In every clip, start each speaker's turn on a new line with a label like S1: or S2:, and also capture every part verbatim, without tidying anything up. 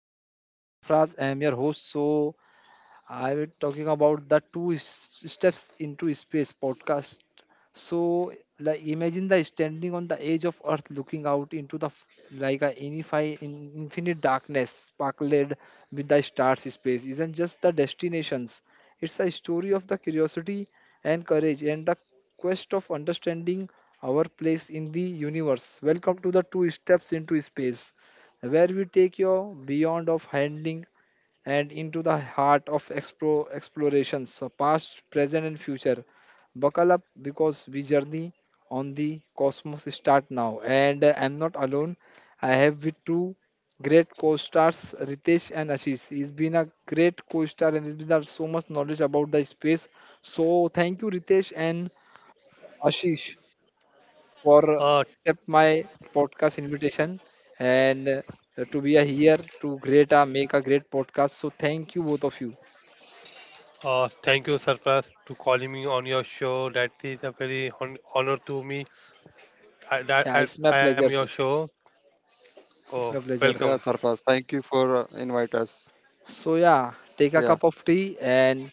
S1: uh, Kha- Sarfraz. I'm your host. So, I will talking about the two s- steps into space podcast. So, like imagine the standing on the edge of Earth, looking out into the f- like a infinite, infinite darkness, sparkled with the stars. Space isn't just the destinations; it's a story of the curiosity and courage, and the quest of understanding our place in the universe. Welcome to the two steps into space, where we take you beyond of handling and into the heart of explore, explorations, so past, present, and future. Buckle up because we journey on the cosmos start now. And uh, I'm not alone. I have with two great co-stars, Ritesh and Ashish. He's been a great co-star and he's been there so much knowledge about the space. So thank you, Ritesh and Ashish, for
S2: Uh,
S1: accept my podcast invitation and uh, to be a here to create a make a great podcast. So thank you both of you.
S2: uh, Thank you, Sarfraz, to calling me on your show. That is a very hon honor to me. I, that I,
S1: Yeah, it's
S2: I
S1: my
S2: am your
S1: pleasure, sir.
S2: show. Oh,
S1: It's my
S3: Yeah,
S2: welcome.
S1: pleasure.
S3: Sarfaz, thank you for uh, invite us.
S1: So yeah, take
S3: Yeah,
S1: a cup of tea and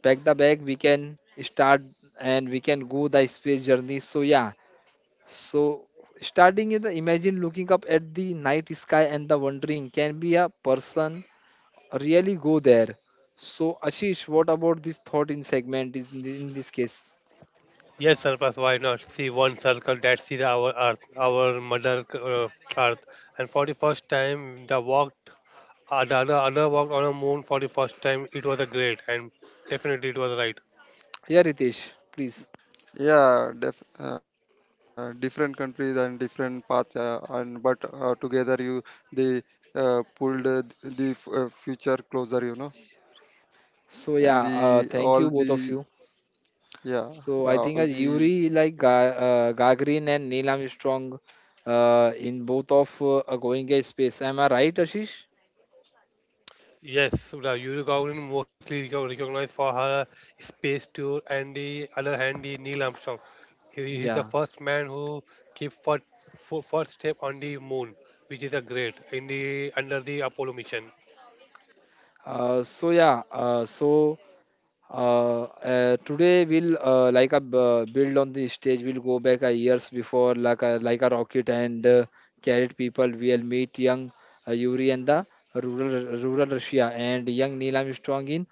S1: pack the bag. We can start and we can go the space journey. So yeah, so starting in the imagine looking up at the night sky and the wondering can be a person really go there. So Ashish, what about this thought in segment in, in this case?
S2: Yes, Sarfraz, why not? See one circle. That's is our Earth, our mother uh, Earth. And for the first time, the walked, uh, the other, other walked on the moon for the first time. It was a great, and definitely it was right.
S1: Yeah, Ritesh, please.
S3: yeah, def- uh, Different countries and different paths, uh, and but uh, together you they uh, pulled uh, the f- uh, future closer, you know,
S1: So
S3: and
S1: yeah,
S3: the
S1: uh, thank
S3: all
S1: you both of
S3: the
S1: you.
S3: yeah,
S1: So
S3: yeah,
S1: I
S3: all
S1: think as
S3: the
S1: Yuri like Ga- uh, Gagarin and Neil Armstrong uh, in both of uh, are going a space. Am I right, Ashish?
S2: Yes, the Yuri mostly reco- recognized for her space tour and the other hand the Neil Armstrong. He is the
S1: Yeah.
S2: first man who keep first, first step on the moon, which is a great in the under the Apollo mission.
S1: Uh, so yeah. Uh, so Uh, uh, today we'll uh, like a uh, build on the stage. We'll go back a years before, like a like a rocket and uh, carried people. We'll meet young uh, Yuri and the rural rural Russia and young Neil Armstrong in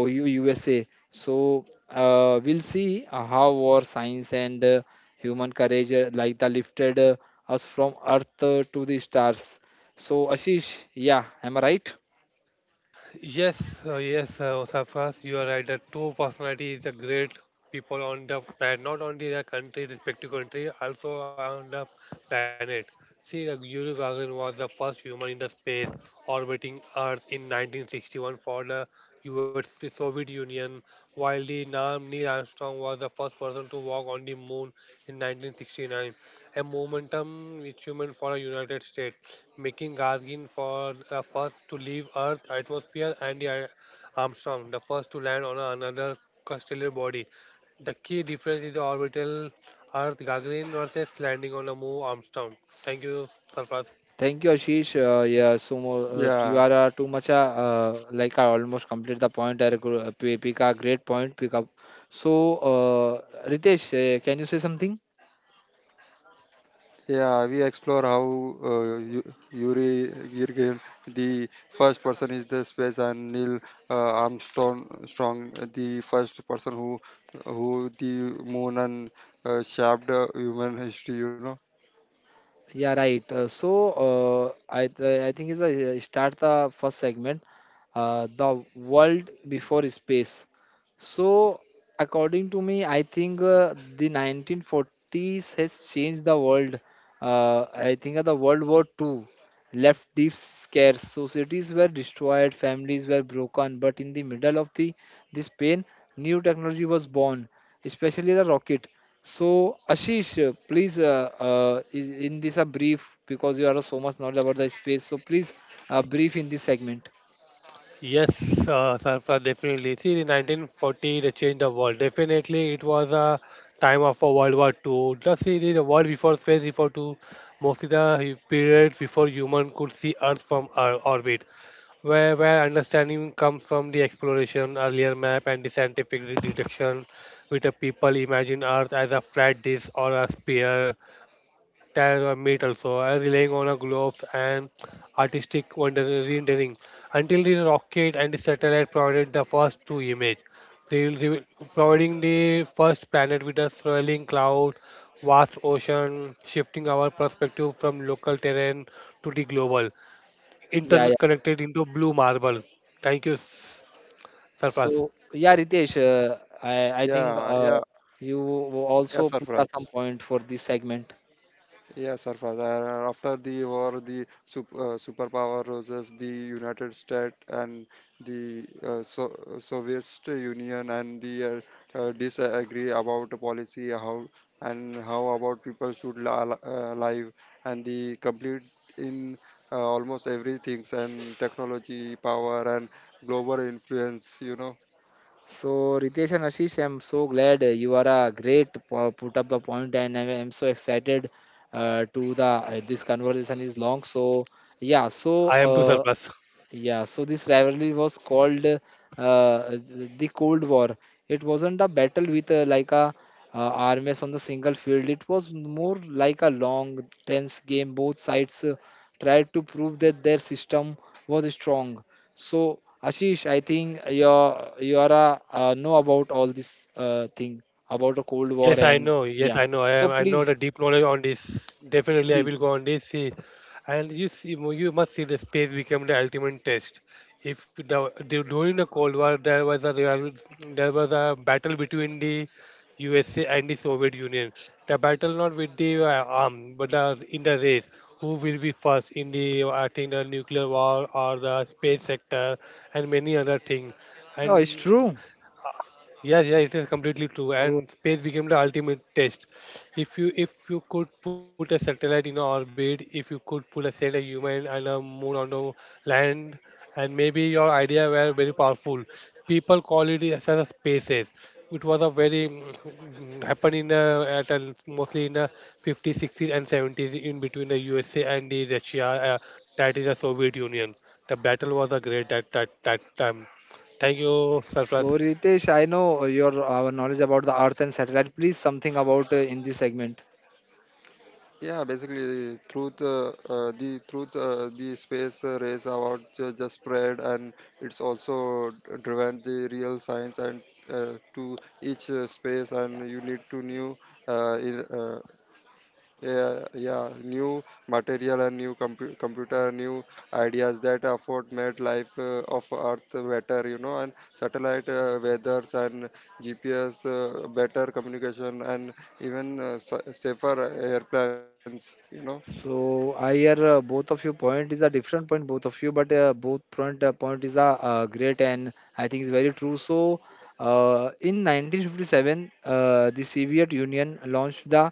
S1: O U U S A. So uh, we'll see uh, how war, science, and uh, human courage uh, like the lifted uh, us from Earth uh, to the stars. So Ashish, yeah, am I right?
S2: Yes, uh, yes, uh, Safas, you are right. The two personalities, the great people on the planet, not only their country, respective country, also on the planet. See, the Yuri Gagarin was the first human in the space orbiting Earth in nineteen sixty-one for the U S, the Soviet Union, while the Nam Neil Armstrong was the first person to walk on the moon in nineteen sixty-nine, a momentum which human for a United States, making Gagarin for the first to leave Earth atmosphere and the Armstrong, the first to land on another stellar body. The key difference is the orbital Earth Gagarin versus landing on the moon Armstrong. Thank you, Sarfraz.
S1: Thank you, Ashish. Uh, yeah, so mo- uh, you
S3: yeah,
S1: are uh, too much. Uh, uh, like I almost complete the point. I agree- uh, pick a great point. Pick up. So, uh, Ritesh, uh, can you say something?
S3: Yeah, we explore how uh, Yu- Yuri Gagarin, the first person is the space, and Neil uh, Armstrong, strong, the first person who who the moon and uh, shaped uh, human history. You know.
S1: Yeah, right. Uh, so uh, I th- I think it's uh, start the first segment, uh, the world before space. So according to me, I think uh, the nineteen forties has changed the world. Uh, I think uh, the World War Two left deep scares. So cities were destroyed, families were broken, but in the middle of the this pain, new technology was born, especially the rocket. So, Ashish, uh, please, uh, uh, is- in this a brief, because you are so much knowledge about the space. So, please, uh, brief in this segment.
S2: Yes, uh, Sarfraz, definitely. See, in nineteen forty, they changed the world. Definitely, it was a time of a World War Two. Just see the the world before space, before to mostly the period before human could see Earth from our orbit, where where understanding comes from the exploration, earlier map, and the scientific de- deduction, with the people imagine Earth as a flat disk or a sphere, that or made also, and relying on a globes and artistic wonder rendering until the rocket and the satellite provided the first two images. They will reveal- Providing the first planet with a swirling cloud, vast ocean, shifting our perspective from local terrain to the global,
S1: Yeah, yeah.
S2: interconnected into blue marble. Thank you, Surface.
S1: So, yeah, Ritesh, uh, I, I think
S3: Yeah,
S1: uh,
S3: yeah,
S1: you
S3: yeah,
S1: also put up some
S3: Sarfraz.
S1: point for this segment.
S3: Yes, sir. Father, after the war, the sup- uh, superpower roses, the United States and the uh, so- uh, Soviet Union, and the uh, uh, disagree about the policy, how and how about people should li- uh, live, and the complete in uh, almost everything, and technology, power, and global influence. You know.
S1: So, Ritesh and Ashish, I'm so glad uh, you are a great po- put up the point, and I am so excited uh, to the uh, this conversation is long. So, yeah,
S2: I
S1: so
S2: am to Surface.
S1: uh, yeah, so this rivalry was called uh, uh, the Cold War. It wasn't a battle with uh, like a uh, armies on the single field. It was more like a long, tense game. Both sides uh, tried to prove that their system was strong. So, Ashish, I think you're you are a, uh, know about all this uh, thing about the Cold
S2: Yes,
S1: War
S2: I
S1: and
S2: know. Yes,
S1: yeah.
S2: I know. I
S1: So
S2: am. I know
S1: please,
S2: the deep knowledge on this. Definitely, I
S1: please.
S2: will go on this. See, and you see, you must see the space become the ultimate test. If the, the- During the Cold War there was a real, there was a battle between the U S A and the Soviet Union. The battle not with the uh, arm, but uh, in the race. Who will be first in the uh, I think the nuclear war or the space sector and many other things.
S1: Oh, it's
S2: And
S1: true.
S2: yes, yeah, it is completely true. And space became the ultimate test. If you if you could put a satellite in orbit, if you could put a set a human and a moon on the land, and maybe your idea were very powerful. People call it as a space race. It was a very mm, happened in the at a, mostly in the fifties, sixties, and seventies in between the U S A and the Russia. Uh, that is the Soviet Union. The battle was a great that that that time. Thank you, Sarfraz.
S1: So, Ritesh, I know your uh, knowledge about the Earth and satellite. Please, something about uh, in this segment.
S3: Yeah, basically, through the uh, uh, the truth, uh, the space uh, race about ju- just spread, and it's also d- driven the real science and uh, to each uh, space, and you need to new, uh, in- uh, yeah, yeah, new material and new compu- computer, new ideas that afford made life uh, of Earth better, you know, and satellite uh, weathers and G P S, uh, better communication, and even uh, sa- safer airplanes, you know.
S1: So I hear uh, both of you point is a different point both of you, but uh, both point uh, point is a uh, great and I think it's very true. So uh, in nineteen fifty-seven, uh, the Soviet Union launched the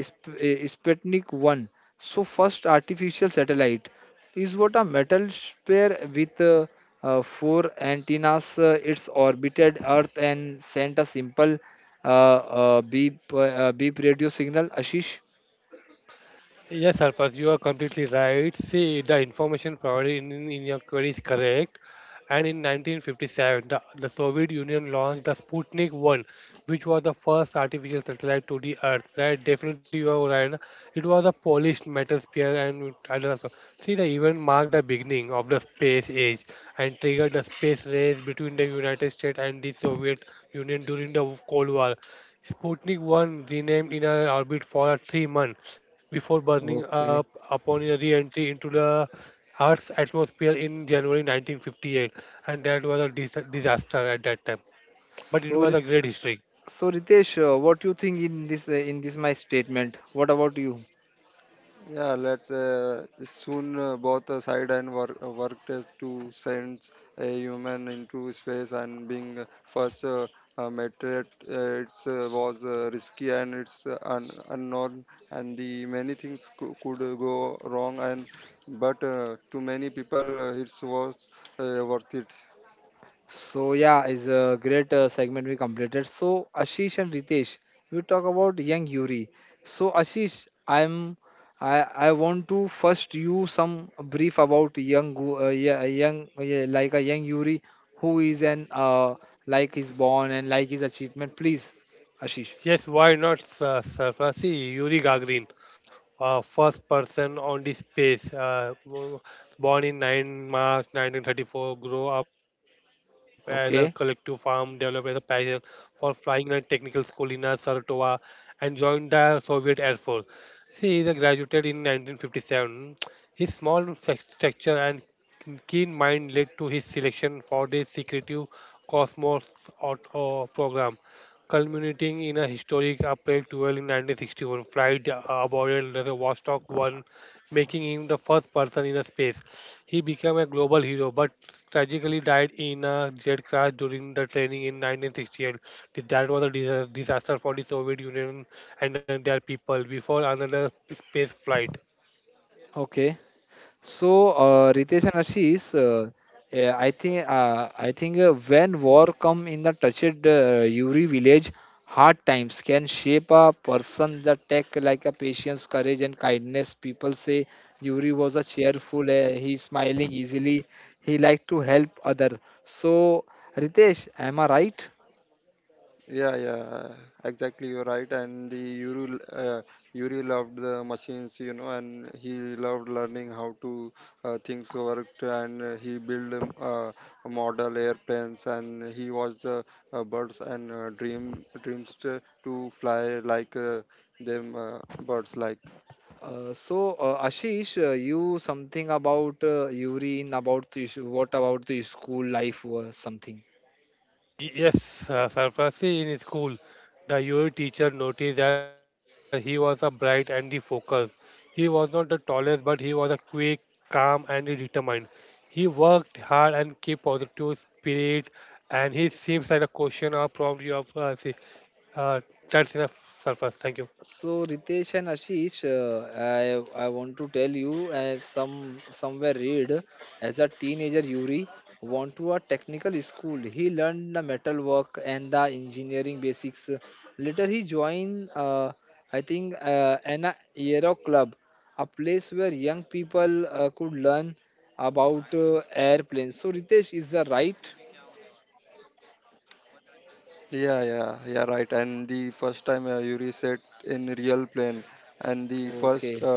S1: Sp- uh, Sputnik one. So first artificial satellite is what a metal sphere with uh, uh, four antennas. Uh, it's orbited Earth and sent a simple uh, uh, beep uh, uh, beep radio signal. Ashish,
S2: Yes, Arpaz, you are completely right. See, the information provided in, in, in your query is correct. And in nineteen fifty-seven, the, the Soviet Union launched the Sputnik one, which was the first artificial satellite to the Earth. Right? Definitely, you are right. It was a polished metal sphere, and other also. See, the event marked the beginning of the space age and triggered the space race between the United States and the Soviet Union during the Cold War. Sputnik one remained in our orbit for three months before burning up
S1: okay.
S2: upon a re entry into the Earth's atmosphere in January nineteen fifty-eight, and that was a dis- disaster at that time. But it
S1: So,
S2: was a
S1: Rit-
S2: great history.
S1: so Ritesh, uh, what do you think in this uh, in this my statement? What about you?
S3: Yeah, let's uh, soon uh, both uh, side and work uh, work test to send a human into space and being uh, first uh, uh, meteorite uh, it's uh, was uh, risky and it's uh, un- unknown and the many things cou- could uh, go wrong and but
S1: So yeah, is a great uh, segment we completed. So Ashish and Ritesh, we talk about young Yuri. So Ashish, I'm I I want to first you some brief about young gu- uh, yeah, young yeah, like a young Yuri who is an uh, like is born and like his achievement. Please, Ashish.
S2: Yes, why not, sir? sir? Uh, See, Yuri Gagarin, uh, first person on the space, uh, w- born in March ninth nineteen thirty-four, grew up as a collective farm,
S1: Okay,
S2: developed as a passion for flying in a technical school in uh, Saratova, and joined the Soviet Air Force. He is a graduated in nineteen fifty-seven. His small sex- stature and keen mind led to his selection for the secretive Cosmos Auto program culminating in a historic April twelfth in nineteen sixty-one flight uh, aboard the Vostok one, making him the first person in a space. He became a global hero, but tragically died in a jet crash during the training in nineteen sixty-eight. That was a dis- disaster for the Soviet Union and uh, their people before another space flight.
S1: okay. So, uh, Ritesh and Ashish, uh, eh, I think uh, I think uh, when war come in the touched uh, Yuri village, hard times can shape a person. The tech like a patience, courage, and kindness. People say Yuri was a cheerful. Uh, he smiling easily. He liked to help other. So, Ritesh, am I right? Uh, so, uh, Ashish, uh, you something about uh, Yuri in about the, what about the school life or something?
S2: Y- Yes, uh, Sarfrazi in his school, the U A teacher noticed that he was a bright and the focused. He was not the tallest, but he was a quick, calm, and determined. He worked hard and kept positive spirit, and he seems like a question or prompt you have uh, see, uh, that's enough, Sarfraz. Thank you.
S1: So Ritesh and Ashish, uh, I I want to tell you I have some somewhere read as a teenager Yuri went to a technical school. He learned the metal work and the engineering basics. Later he joined uh, I think uh, an aero club, a place where young people uh, could learn about uh, airplanes. So Ritesh is the right. Okay.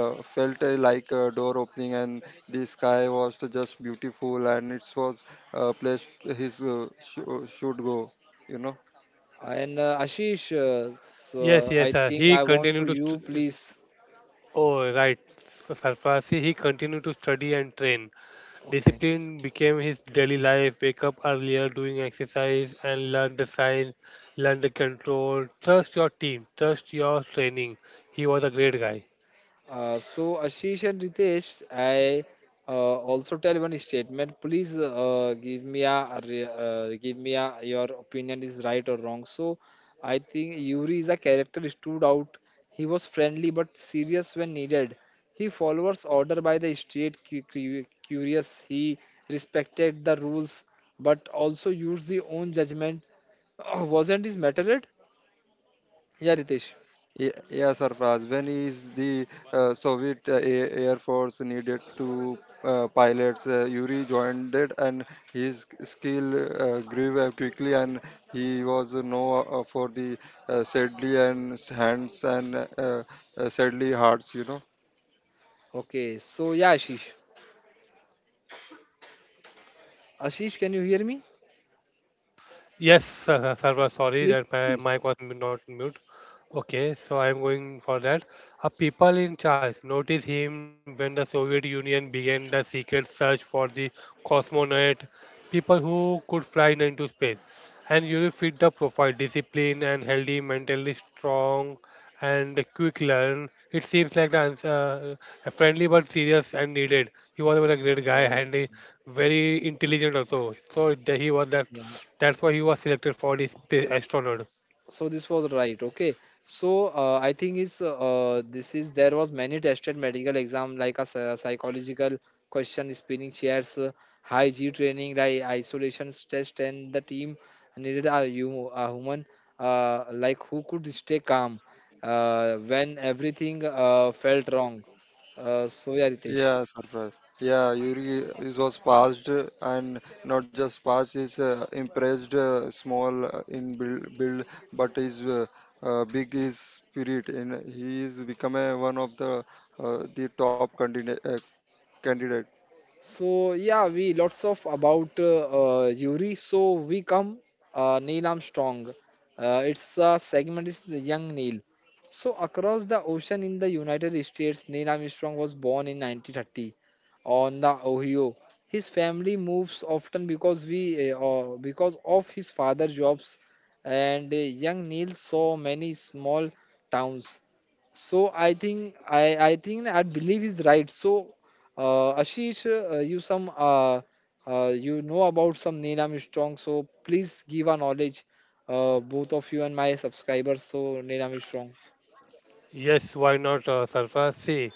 S1: And uh, Ashish, uh,
S2: Yes,
S1: so
S2: yes,
S1: I
S2: sir.
S1: think
S2: He
S1: I want to
S2: continued to.
S1: you
S2: St-
S1: please.
S2: Oh, right. Sarfraz, he continued to study and train.
S1: Okay.
S2: Discipline became his daily life, wake up earlier, doing exercise, and learn the sign, learn the control. Trust your team, trust your training. He was a great guy.
S1: Uh, so Ashish and Ritesh, I uh, also tell one statement. Please uh, give me a a re- uh, give me a your opinion is right or wrong. So I think Yuri is a character stood out. He was friendly but serious when needed. He followers order by the street cu- cu- curious. He respected the rules but also used the own judgment. wasn't this mattered? Yeah, Ritesh. Okay. So yeah, Ashish. Ashish, can you hear me?
S2: Yes, Sar- Sarva, sorry that my
S1: Please.
S2: mic was m- not mute. Okay, so I'm going for that. A people in charge noticed him when the Soviet Union began the secret search for the cosmonaut, people who could fly into space. And you fit the profile, discipline and healthy, mentally strong and quick learn. It seems like the answer, uh, friendly but serious and needed. He was a very great guy
S1: Oh,
S2: and a very intelligent also. So it- he was that
S1: yeah.
S2: that's why he was selected for this
S1: So,
S2: spa- astronaut.
S1: so this was right. Okay. So, uh, I think is uh, this is there was many tested medical exam like a psy- psychological question, spinning chairs, uh, high G training, like isolation test, and the team needed a, hum a human uh, like who could stay calm uh, when everything uh, felt wrong. Uh, so yeah, Ritesh. So yeah, we lots of about uh, uh, Yuri. So we come uh, Neil Armstrong. Uh, its uh, Segment is the young Neil. So across the ocean in the United States, Neil Armstrong was born in nineteen thirty on the Ohio. His family moves often because we uh, uh, because of his father jobs, and uh, young Neil saw many small towns. So I think I I think I believe is right. So uh, Ashish, uh, you some uh, uh, you know about some Neelam Strong. So please give a knowledge, uh, both of you and my subscribers. So Neelam Strong.
S2: Yes, why not, uh, Sarfraz? See,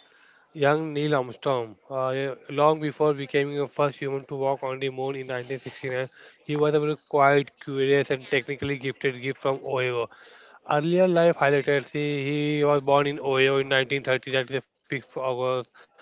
S2: young Neil Armstrong, uh, yeah, long before becoming the first human to walk on the moon in nineteen sixty-nine, he was a very quiet, curious, and technically gifted gift from Ohio. Earlier life highlighted, see, he was born in Ohio in nineteen thirty, that is the fifth of August.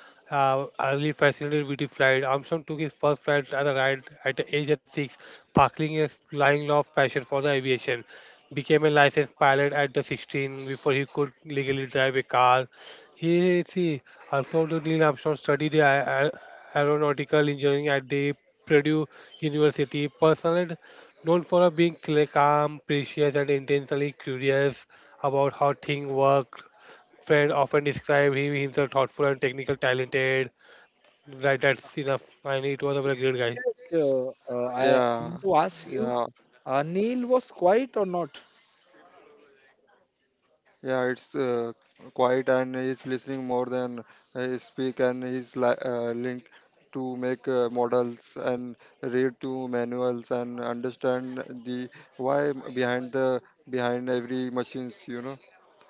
S2: Uh, early fascinated with the flight, Armstrong took his first flight as a ride at the age of six, sparkling a flying love passion for the aviation. Became a licensed pilot at the sixteen before he could legally drive a car. He, see, Arthur Neil Armstrong studied aer- aer- aeronautical engineering at the Purdue University. Personally known for being cl- calm, precious, and intentionally curious about how things work. Friend often described him himself thoughtful and technical talented. Right, that's enough. And it
S1: So
S2: was a very great guy.
S1: Nitesh, uh, uh, I I want to ask you, uh, Neil was quiet or not?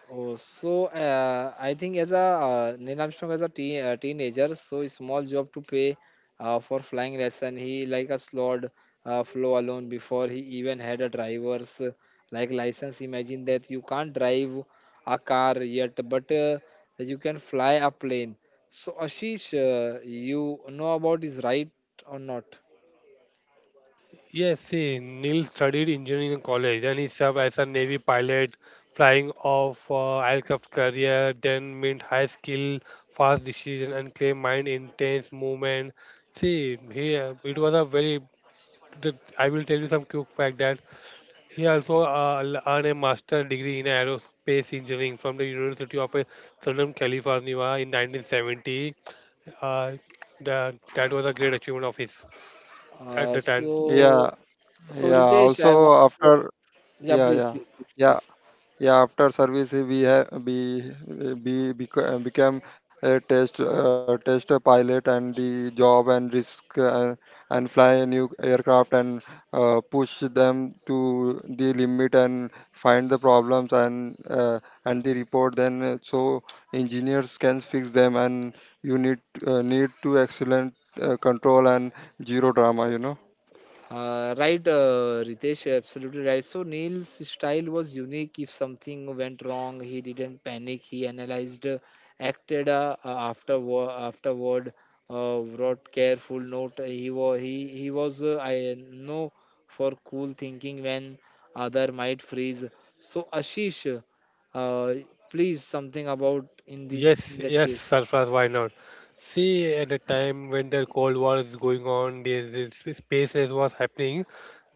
S1: Oh, so uh, I think as a uh, Neil Armstrong as a teen, uh, teenager, so small job to pay uh, for flying lesson. He like a slod uh, flow alone before he even had a driver's uh, like license. Imagine that you can't drive a car yet, but uh, you can fly a plane. So Ashish, uh, you know about this, right or not?
S2: Yes, see, Neil studied engineering in college and he served as a Navy pilot, flying off uh, aircraft carrier, then meant high skill, fast decision, and clear mind, intense movement. See, he uh, it was a very. The- I will tell you some quick fact that he also uh, l- earned a master degree in aerospace engineering from the University of uh, Southern California in nineteen seventy. Uh, that that was a great achievement of his at
S1: Uh,
S2: the time.
S1: so so Ritesh, I want. Yeah, please, please, please, please. Uh, right, uh, Ritesh, absolutely right. So Neil's style was unique. If something went wrong, he didn't panic. He analyzed, uh, acted uh, uh, after wo- afterward, uh, wrote careful note. He was he he was uh, I know for cool thinking when other might freeze. So Ashish, uh, please something about in this
S2: Yes,
S1: in that
S2: yes,
S1: case.
S2: Sarfraz, why not? See, at the time when the Cold War is going on, the, the s- space race was happening.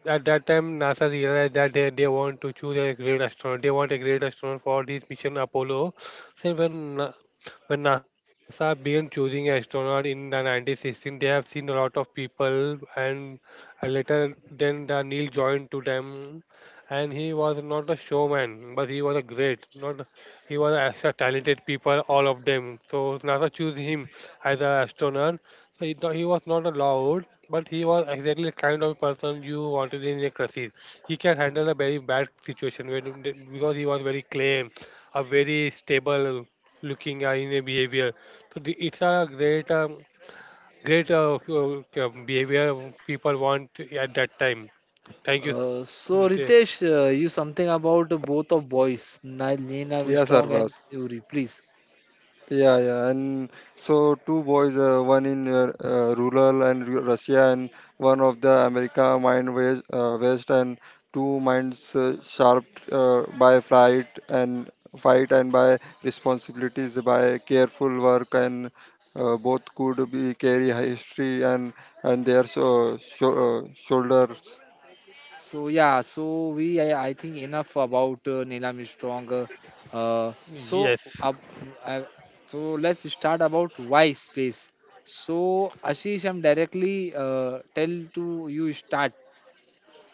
S2: At that time, NASA realized that they, they want to choose a great astronaut. They want a great astronaut for this mission Apollo. So when Na- when NASA began choosing astronaut in the nineteen sixteen, they have seen a lot of people, and uh, later then the Neil joined to them, and he was not a showman, but he was a great, not he was as a talented people, all of them. So NASA chose him as an astronaut. So he, no- he was not allowed, but he was exactly the kind of person you wanted in a crisis. He can handle a very bad situation where, because he was very calm, a very stable looking guy in a behavior. So the, it's a great, um, great uh, uh, uh, behavior people want at that time. Thank you.
S1: Uh, so
S2: Sute.
S1: Ritesh, uh, you something about both of boys, Ni- Neil Armstrong and Yuri, please. So yeah, so we I, I think enough about uh, Neil Armstrong. Uh, uh, so
S2: Yes.
S1: uh, I, so let's start about why space. So Ashish, I'm directly uh, tell to you start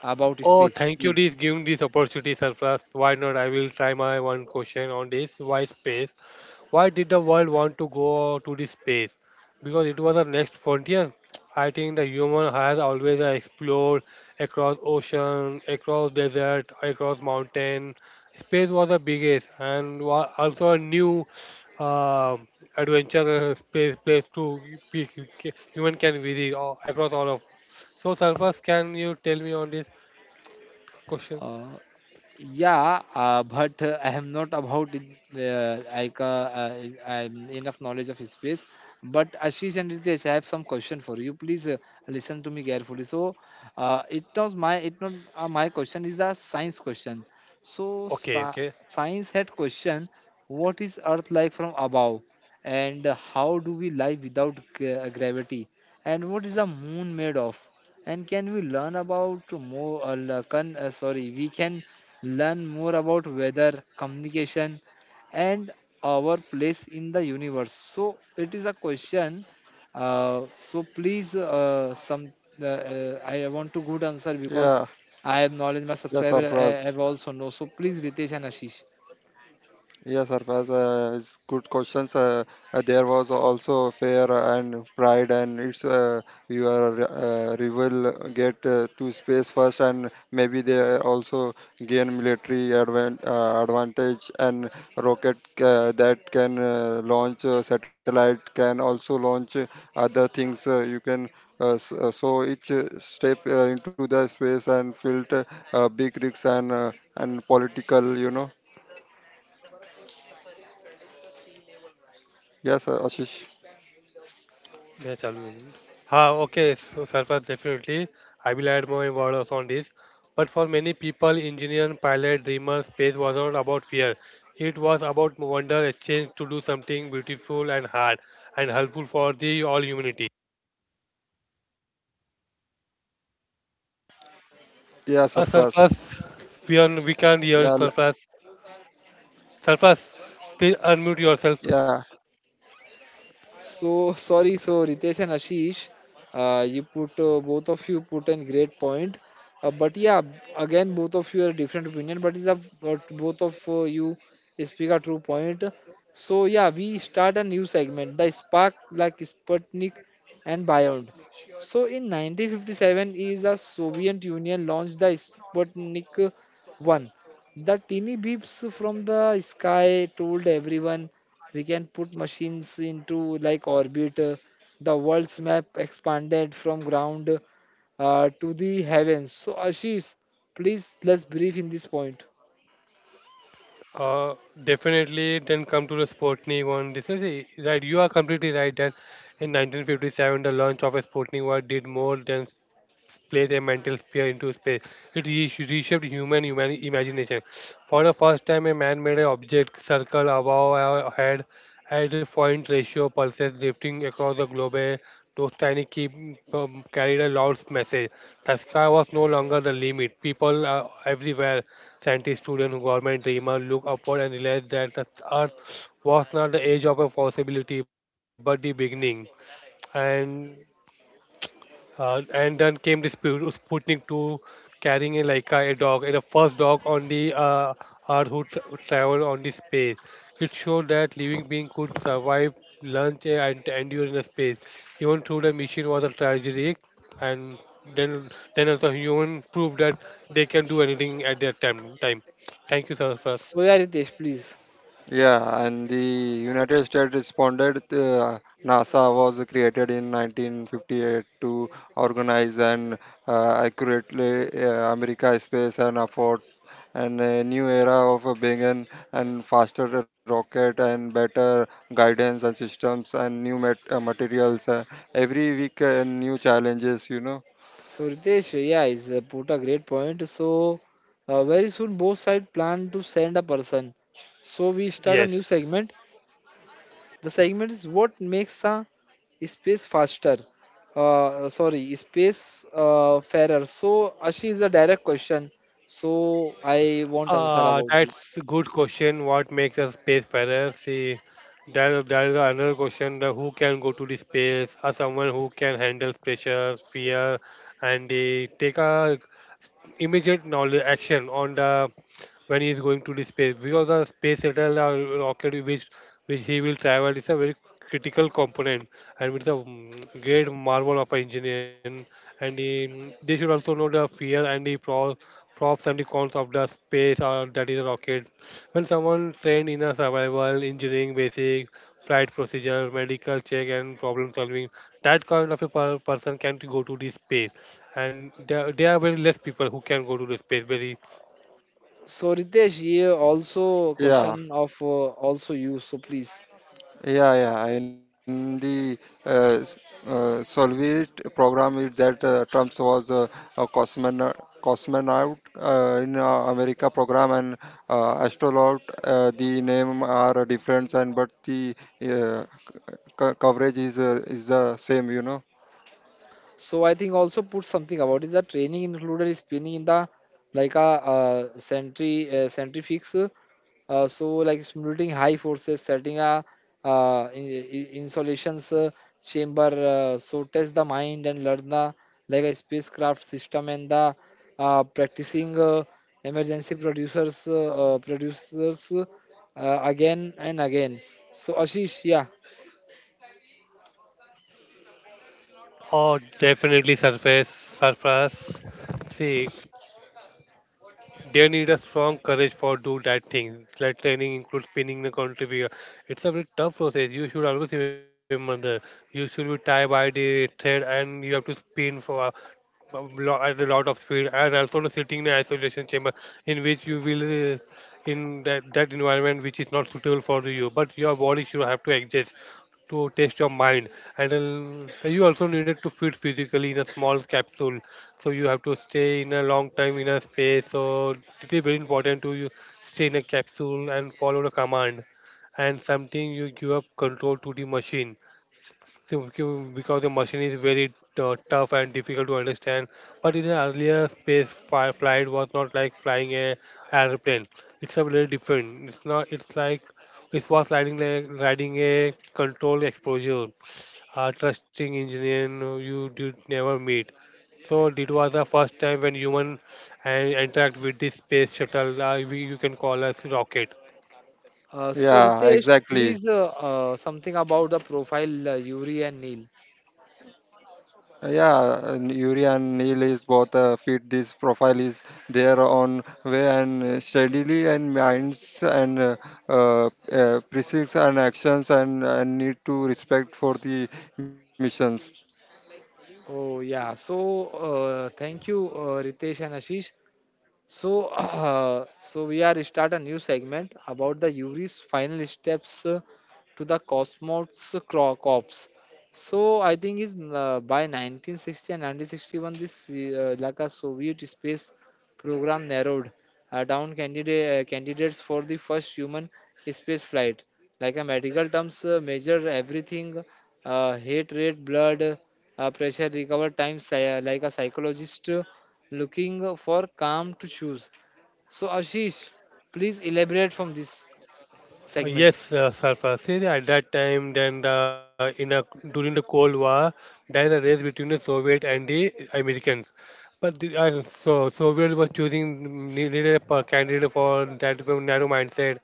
S1: about
S2: Oh,
S1: space,
S2: thank you this
S1: please.
S2: giving this opportunity, Surplus. Why not? I will try my one question on this. Why space? Why did the world want to go to this space? Because it was the next frontier. I think the human has always explored across ocean, across desert, across mountain. Space was the biggest and wa- also a new uh, adventure uh, space place to pe- human can visit all, across all of. So, Surplus, can you tell me on this? Question.
S1: Yeah, uh, but uh, I am not about it, uh, like uh, I, I'm enough knowledge of space. But Ashish and Ritesh, I have some question for you. Please uh, listen to me carefully. So, uh, it was my it not uh, my question is a science question. So,
S2: Okay,
S1: sci
S2: okay.
S1: science had question: What is Earth like from above, and how do we live without gra- gravity, and what is the moon made of? And can we learn about more? Uh, l- can, uh, sorry, we can learn more about weather, communication, and our place in the universe. So it is a question. Uh, so please, uh, some the, uh, I want to good answer because I have knowledge. My subscriber I I have also know. So please, Ritesh and Ashish.
S2: मैं चालू एकदम. हाँ, okay. So, Sarfraz, definitely, I will add more words on this. But for many people, engineer, pilot, dreamer, space was not about fear. It was about wonder, a change to do something beautiful and hard and helpful for the all humanity. Uh, Sarfraz, we, are, we can't hear Sarfraz. Sarfraz, please unmute yourself.
S1: So sorry. So Ritesh and Ashish, uh, you put uh, both of you put in great point. Uh, but yeah, again, both of you are different opinion, but is a but both of uh, you speak a true point. So yeah, we start a new segment, the spark like Sputnik and Beyond. So in nineteen fifty-seven is the Soviet Union launched the Sputnik one. The teeny beeps from the sky told everyone we can put machines into like orbit. Uh, The world's map expanded from ground uh, to the heavens. So Ashish, please let's brief in this point.
S2: Uh, Definitely then come to the Sputnik one. This is a- right. You are completely right that in nineteen fifty-seven the launch of a Sputnik one did more than place a mental spear into space. It re- reshaped human, human imagination. For the first time, a man-made object circled above our head at a point ratio pulses drifting across the globe. A Those tiny keep um, Carried a loud message. The sky was no longer the limit. People uh, everywhere, scientists, students, government, dreamers, look upward and realize that the Earth was not the age of a possibility, but the beginning. And uh, and then came the Spu- Sputnik two carrying a Laika, a dog, and the first dog on the uh, Earth who tra- traveled on the space. It showed that living being could survive lunch and endure in the space. Even though the mission was a tragedy, and then then also human proved that they can do anything at their time. time. Thank you, sir, first.
S1: So yeah, Ritesh, please. So Ritesh, yeah, is uh, put a great point. So uh, very soon both sides plan to send a person. So we start a new segment.
S2: Yes.
S1: The segment is what makes a space faster uh, sorry, space uh, fairer. So Ashish is a direct question, so I won't answer
S2: Uh,
S1: about this.
S2: that's a good question. What makes a space fairer? See, there, there is another question that who can go to the space or someone who can handle pressure, fear, and they take a immediate knowledge action on the when he is going to the space because the space shuttle or rocket which which he will travel is a very critical component and it's a mm, great marvel of engineering and he, they should also know the fear and the pro, props and the cons of the space or that is a rocket when someone trained in a survival engineering basic flight procedure medical check and problem solving that kind of a per- person can go to the space and there, there are very less people who can go to the space very
S1: So Ritesh, ye also question of uh, also you, so please. So I think also put something about it. That training included spinning in the like a uh, centri uh, centrifuge. Uh, so like simulating high forces, setting a uh, in, in- insulations uh, chamber. Uh, so test the mind and learn the like a spacecraft system and the uh, practicing uh, emergency producers uh, uh, producers uh, again and again. So Ashish, yeah.
S2: or definitely surface surface say. They need a strong courage for do that thing. Sled training includes pinning the country figure. It's a very tough process. You should always remember that. You should be tied by the thread and you have to spin for a a lo- at a lot of speed and also the sitting in the isolation chamber in which you will uh, in that, that environment which is not suitable for you but your body should have to adjust to test your mind and then you also needed to fit physically in a small capsule so you have to stay in a long time in a space so it is very important to you stay in a capsule and follow the command and something you give up control to the machine so you- because the machine is very uh, tough and difficult to understand but in an earlier space fi- flight was not like flying a airplane. It's a little different. It's not, it's like it was riding like riding a controlled exposure, a trusting engineer, no, you did never meet. So it was the first time when human and interact with this space shuttle. Uh, we, you can call us rocket.
S1: Uh, so Ritesh, please uh, uh, something about the profile uh, Yuri and Neil. Oh yeah. So uh, thank you, uh, Ritesh and Ashish. So uh, so we are start a new segment about the Yuri's final steps uh, to the Cosmos Cro- Corps. So I think is uh, by nineteen sixty and nineteen sixty-one, this uh, like a Soviet space program narrowed uh, down candidate uh, candidates for the first human space flight. Like a medical terms uh, measure everything, uh, heart rate, blood uh, pressure, recover time, psy- like a psychologist uh, looking for calm to choose. So Ashish, please elaborate from this
S2: Uh,
S1: segment.
S2: yes, uh, Sarfasi. At that time, then the, in a, during the Cold War, there is a race between the Soviet and the Americans. But the, uh, so Soviet was choosing mm, needed a per- candidate for that were narrow mindset,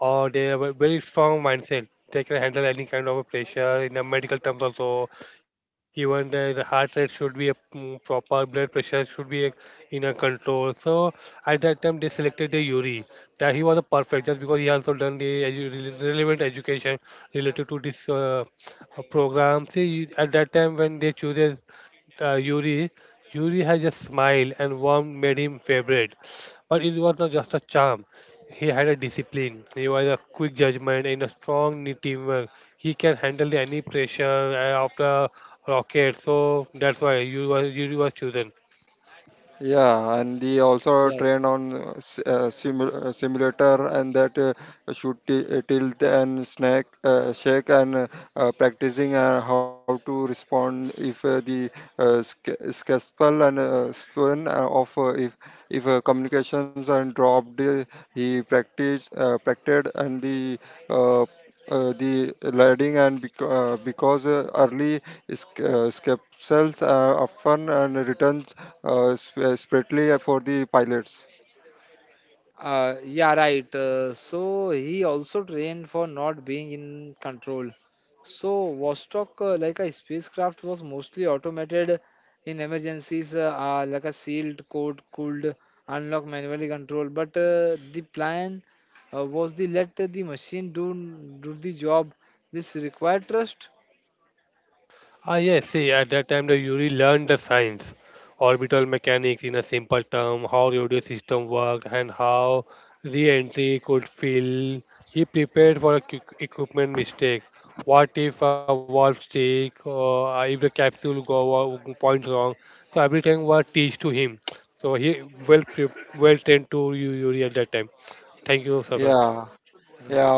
S2: or they have a very strong mindset. They can handle any kind of a pressure in a medical terms also. Even the, the heart rate should be a mm, proper blood pressure should be a, in a control. So at that time they selected the Yuri, that he was a perfect just because he also done the edu- rele- relevant education related to this uh, uh, program. See at that time when they chooses uh, Yuri, Yuri had a smile and warmth made him favorite. But it was not just a charm. He had a discipline. He was a quick judgment and a strong ne- teamwork. He can handle any pressure uh, after rocket. So that's why you was you was chosen.
S1: Uh, yeah, right. Uh, so he also trained for not being in control. So Vostok, uh, like a spacecraft, was mostly automated in emergencies, uh, uh, like a sealed code could unlock manually control. But uh, the plan uh, was the let the machine do do the job. This required trust,
S2: Ah, yes, see, at that time the Yuri learned the science, orbital mechanics in a simple term, how radio system work and how re-entry could feel. He prepared for a quick equipment mistake. What if a valve stick or if the capsule go wo- points wrong? So everything was teach to him. So he well pre- well trained to Yu- Yuri at that time. Thank you, sir.
S1: right?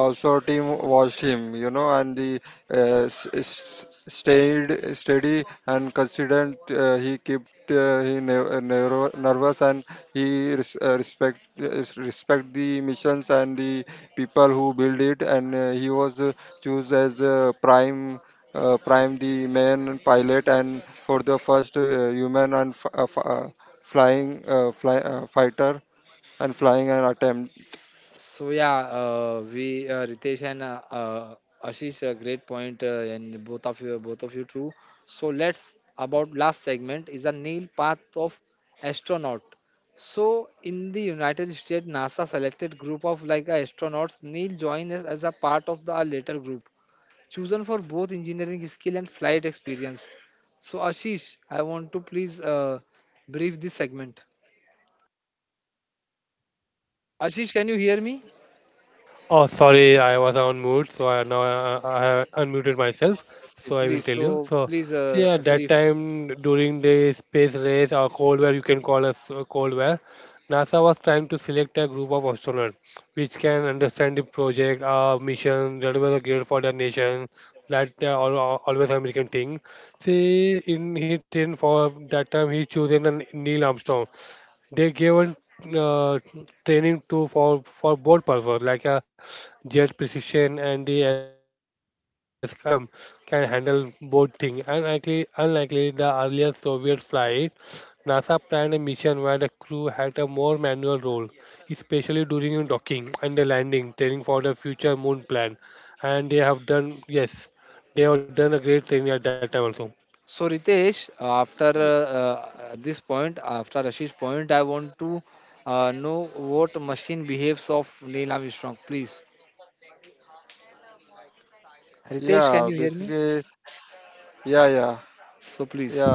S1: So yeah, uh, we uh, Ritesh and uh, uh, Ashish, a great point, uh, and both of you, both of you, true. So let's about last segment is a Neil path of astronaut. So in the United States, NASA selected group of like uh, astronauts. Neil joined as as a part of the uh, later group, chosen for both engineering skill and flight experience. So Ashish, I want to please uh, brief this segment. Ashish, can you hear me?
S2: Oh, sorry, I was on mute, so I now I, I have unmuted myself.
S1: Si-
S2: So I will
S1: Please,
S2: tell you.
S1: so
S2: So,
S1: please
S2: see,
S1: uh,
S2: at that
S1: brief.
S2: time during the space race or cold war, you can call us uh, cold war. NASA was trying to select a group of astronauts which can understand the project, uh, mission that was great for their nation. That they are al- al- always American thing. See, in his train for that time, he chosen an Neil Armstrong. They given uh, training to for for both purpose like a jet precision and the as- uh, spacecraft system, can handle both things unlikely unlikely the earlier Soviet flight. NASA planned a mission where the crew had a more manual role, especially during docking and the landing training for the future moon plan. And they have done, yes, they have done a great training at that time also.
S1: So Ritesh, after uh, uh, this point, after Ashish's point, I want to uh, know what machine behaves of Neil Armstrong, please. Ritesh, can you hear me? So please.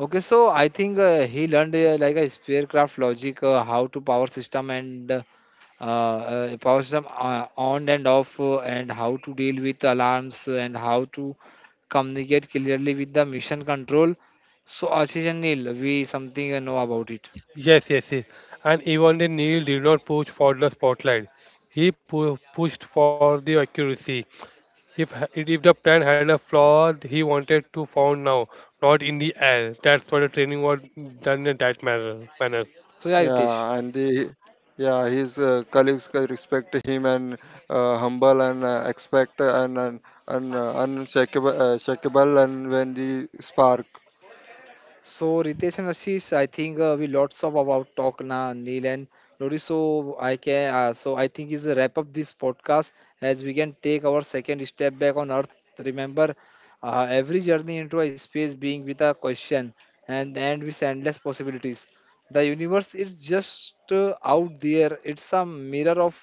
S1: Okay, so I think uh, he learned uh, like a spacecraft logic, uh, how to power system and uh, uh, power system uh, on and off, uh, and how to deal with alarms uh, and how to communicate clearly with the mission control. So Ashish and Neil, we something uh, know about it.
S2: Yes, yes, yes. And even the Neil did not push for the spotlight. He pu- pushed for the accuracy. If h- if the plan had a flaw, he wanted to found now, not in the air. That's what the training was done in that manner. manner.
S1: そうやりてし。So Ritesh and Ashish, I think uh, we lots of about talk now, Neil and Lori. So I can, uh, so I think is a wrap up this podcast as we can take our second step back on Earth. Remember, uh, every journey into a space being with a question and end with endless possibilities. The universe is just uh, out there. It's a mirror of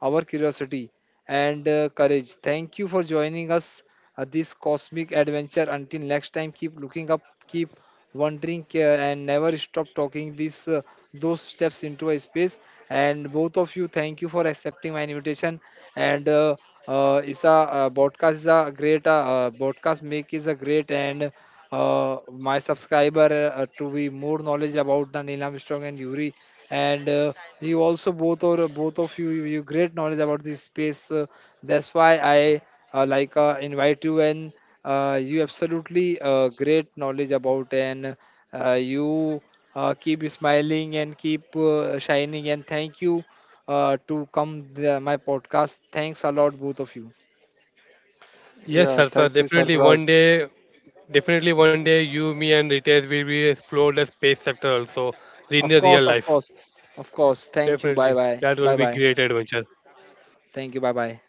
S1: our curiosity and uh, courage. Thank you for joining us uh, this cosmic adventure. Until next time, keep looking up, keep wondering care and never stop talking these uh, those steps into a space. And both of you, thank you for accepting my invitation and uh, uh, it's a uh, podcast is a great uh, uh, podcast make is a great. And uh, my subscriber uh, uh, to be more knowledge about the Neelam Strong and Yuri. And uh, you also both or both of you you you great knowledge about this space, uh, that's why I uh, like uh, invite you. And uh, you absolutely uh, great knowledge about. And uh, you uh, keep smiling and keep uh, shining, and thank you uh, to come the, my podcast. Thanks a lot, both of you.
S2: Yes, sir. sir. definitely one day, definitely one day, you, me, and Ritesh will be explore the space sector also in the
S1: Of
S2: real
S1: course, of
S2: life.
S1: course, of course. Thank you. Bye
S2: Definitely,
S1: bye.
S2: that
S1: Bye
S2: will be
S1: bye.
S2: great adventure.
S1: Thank you. Bye bye.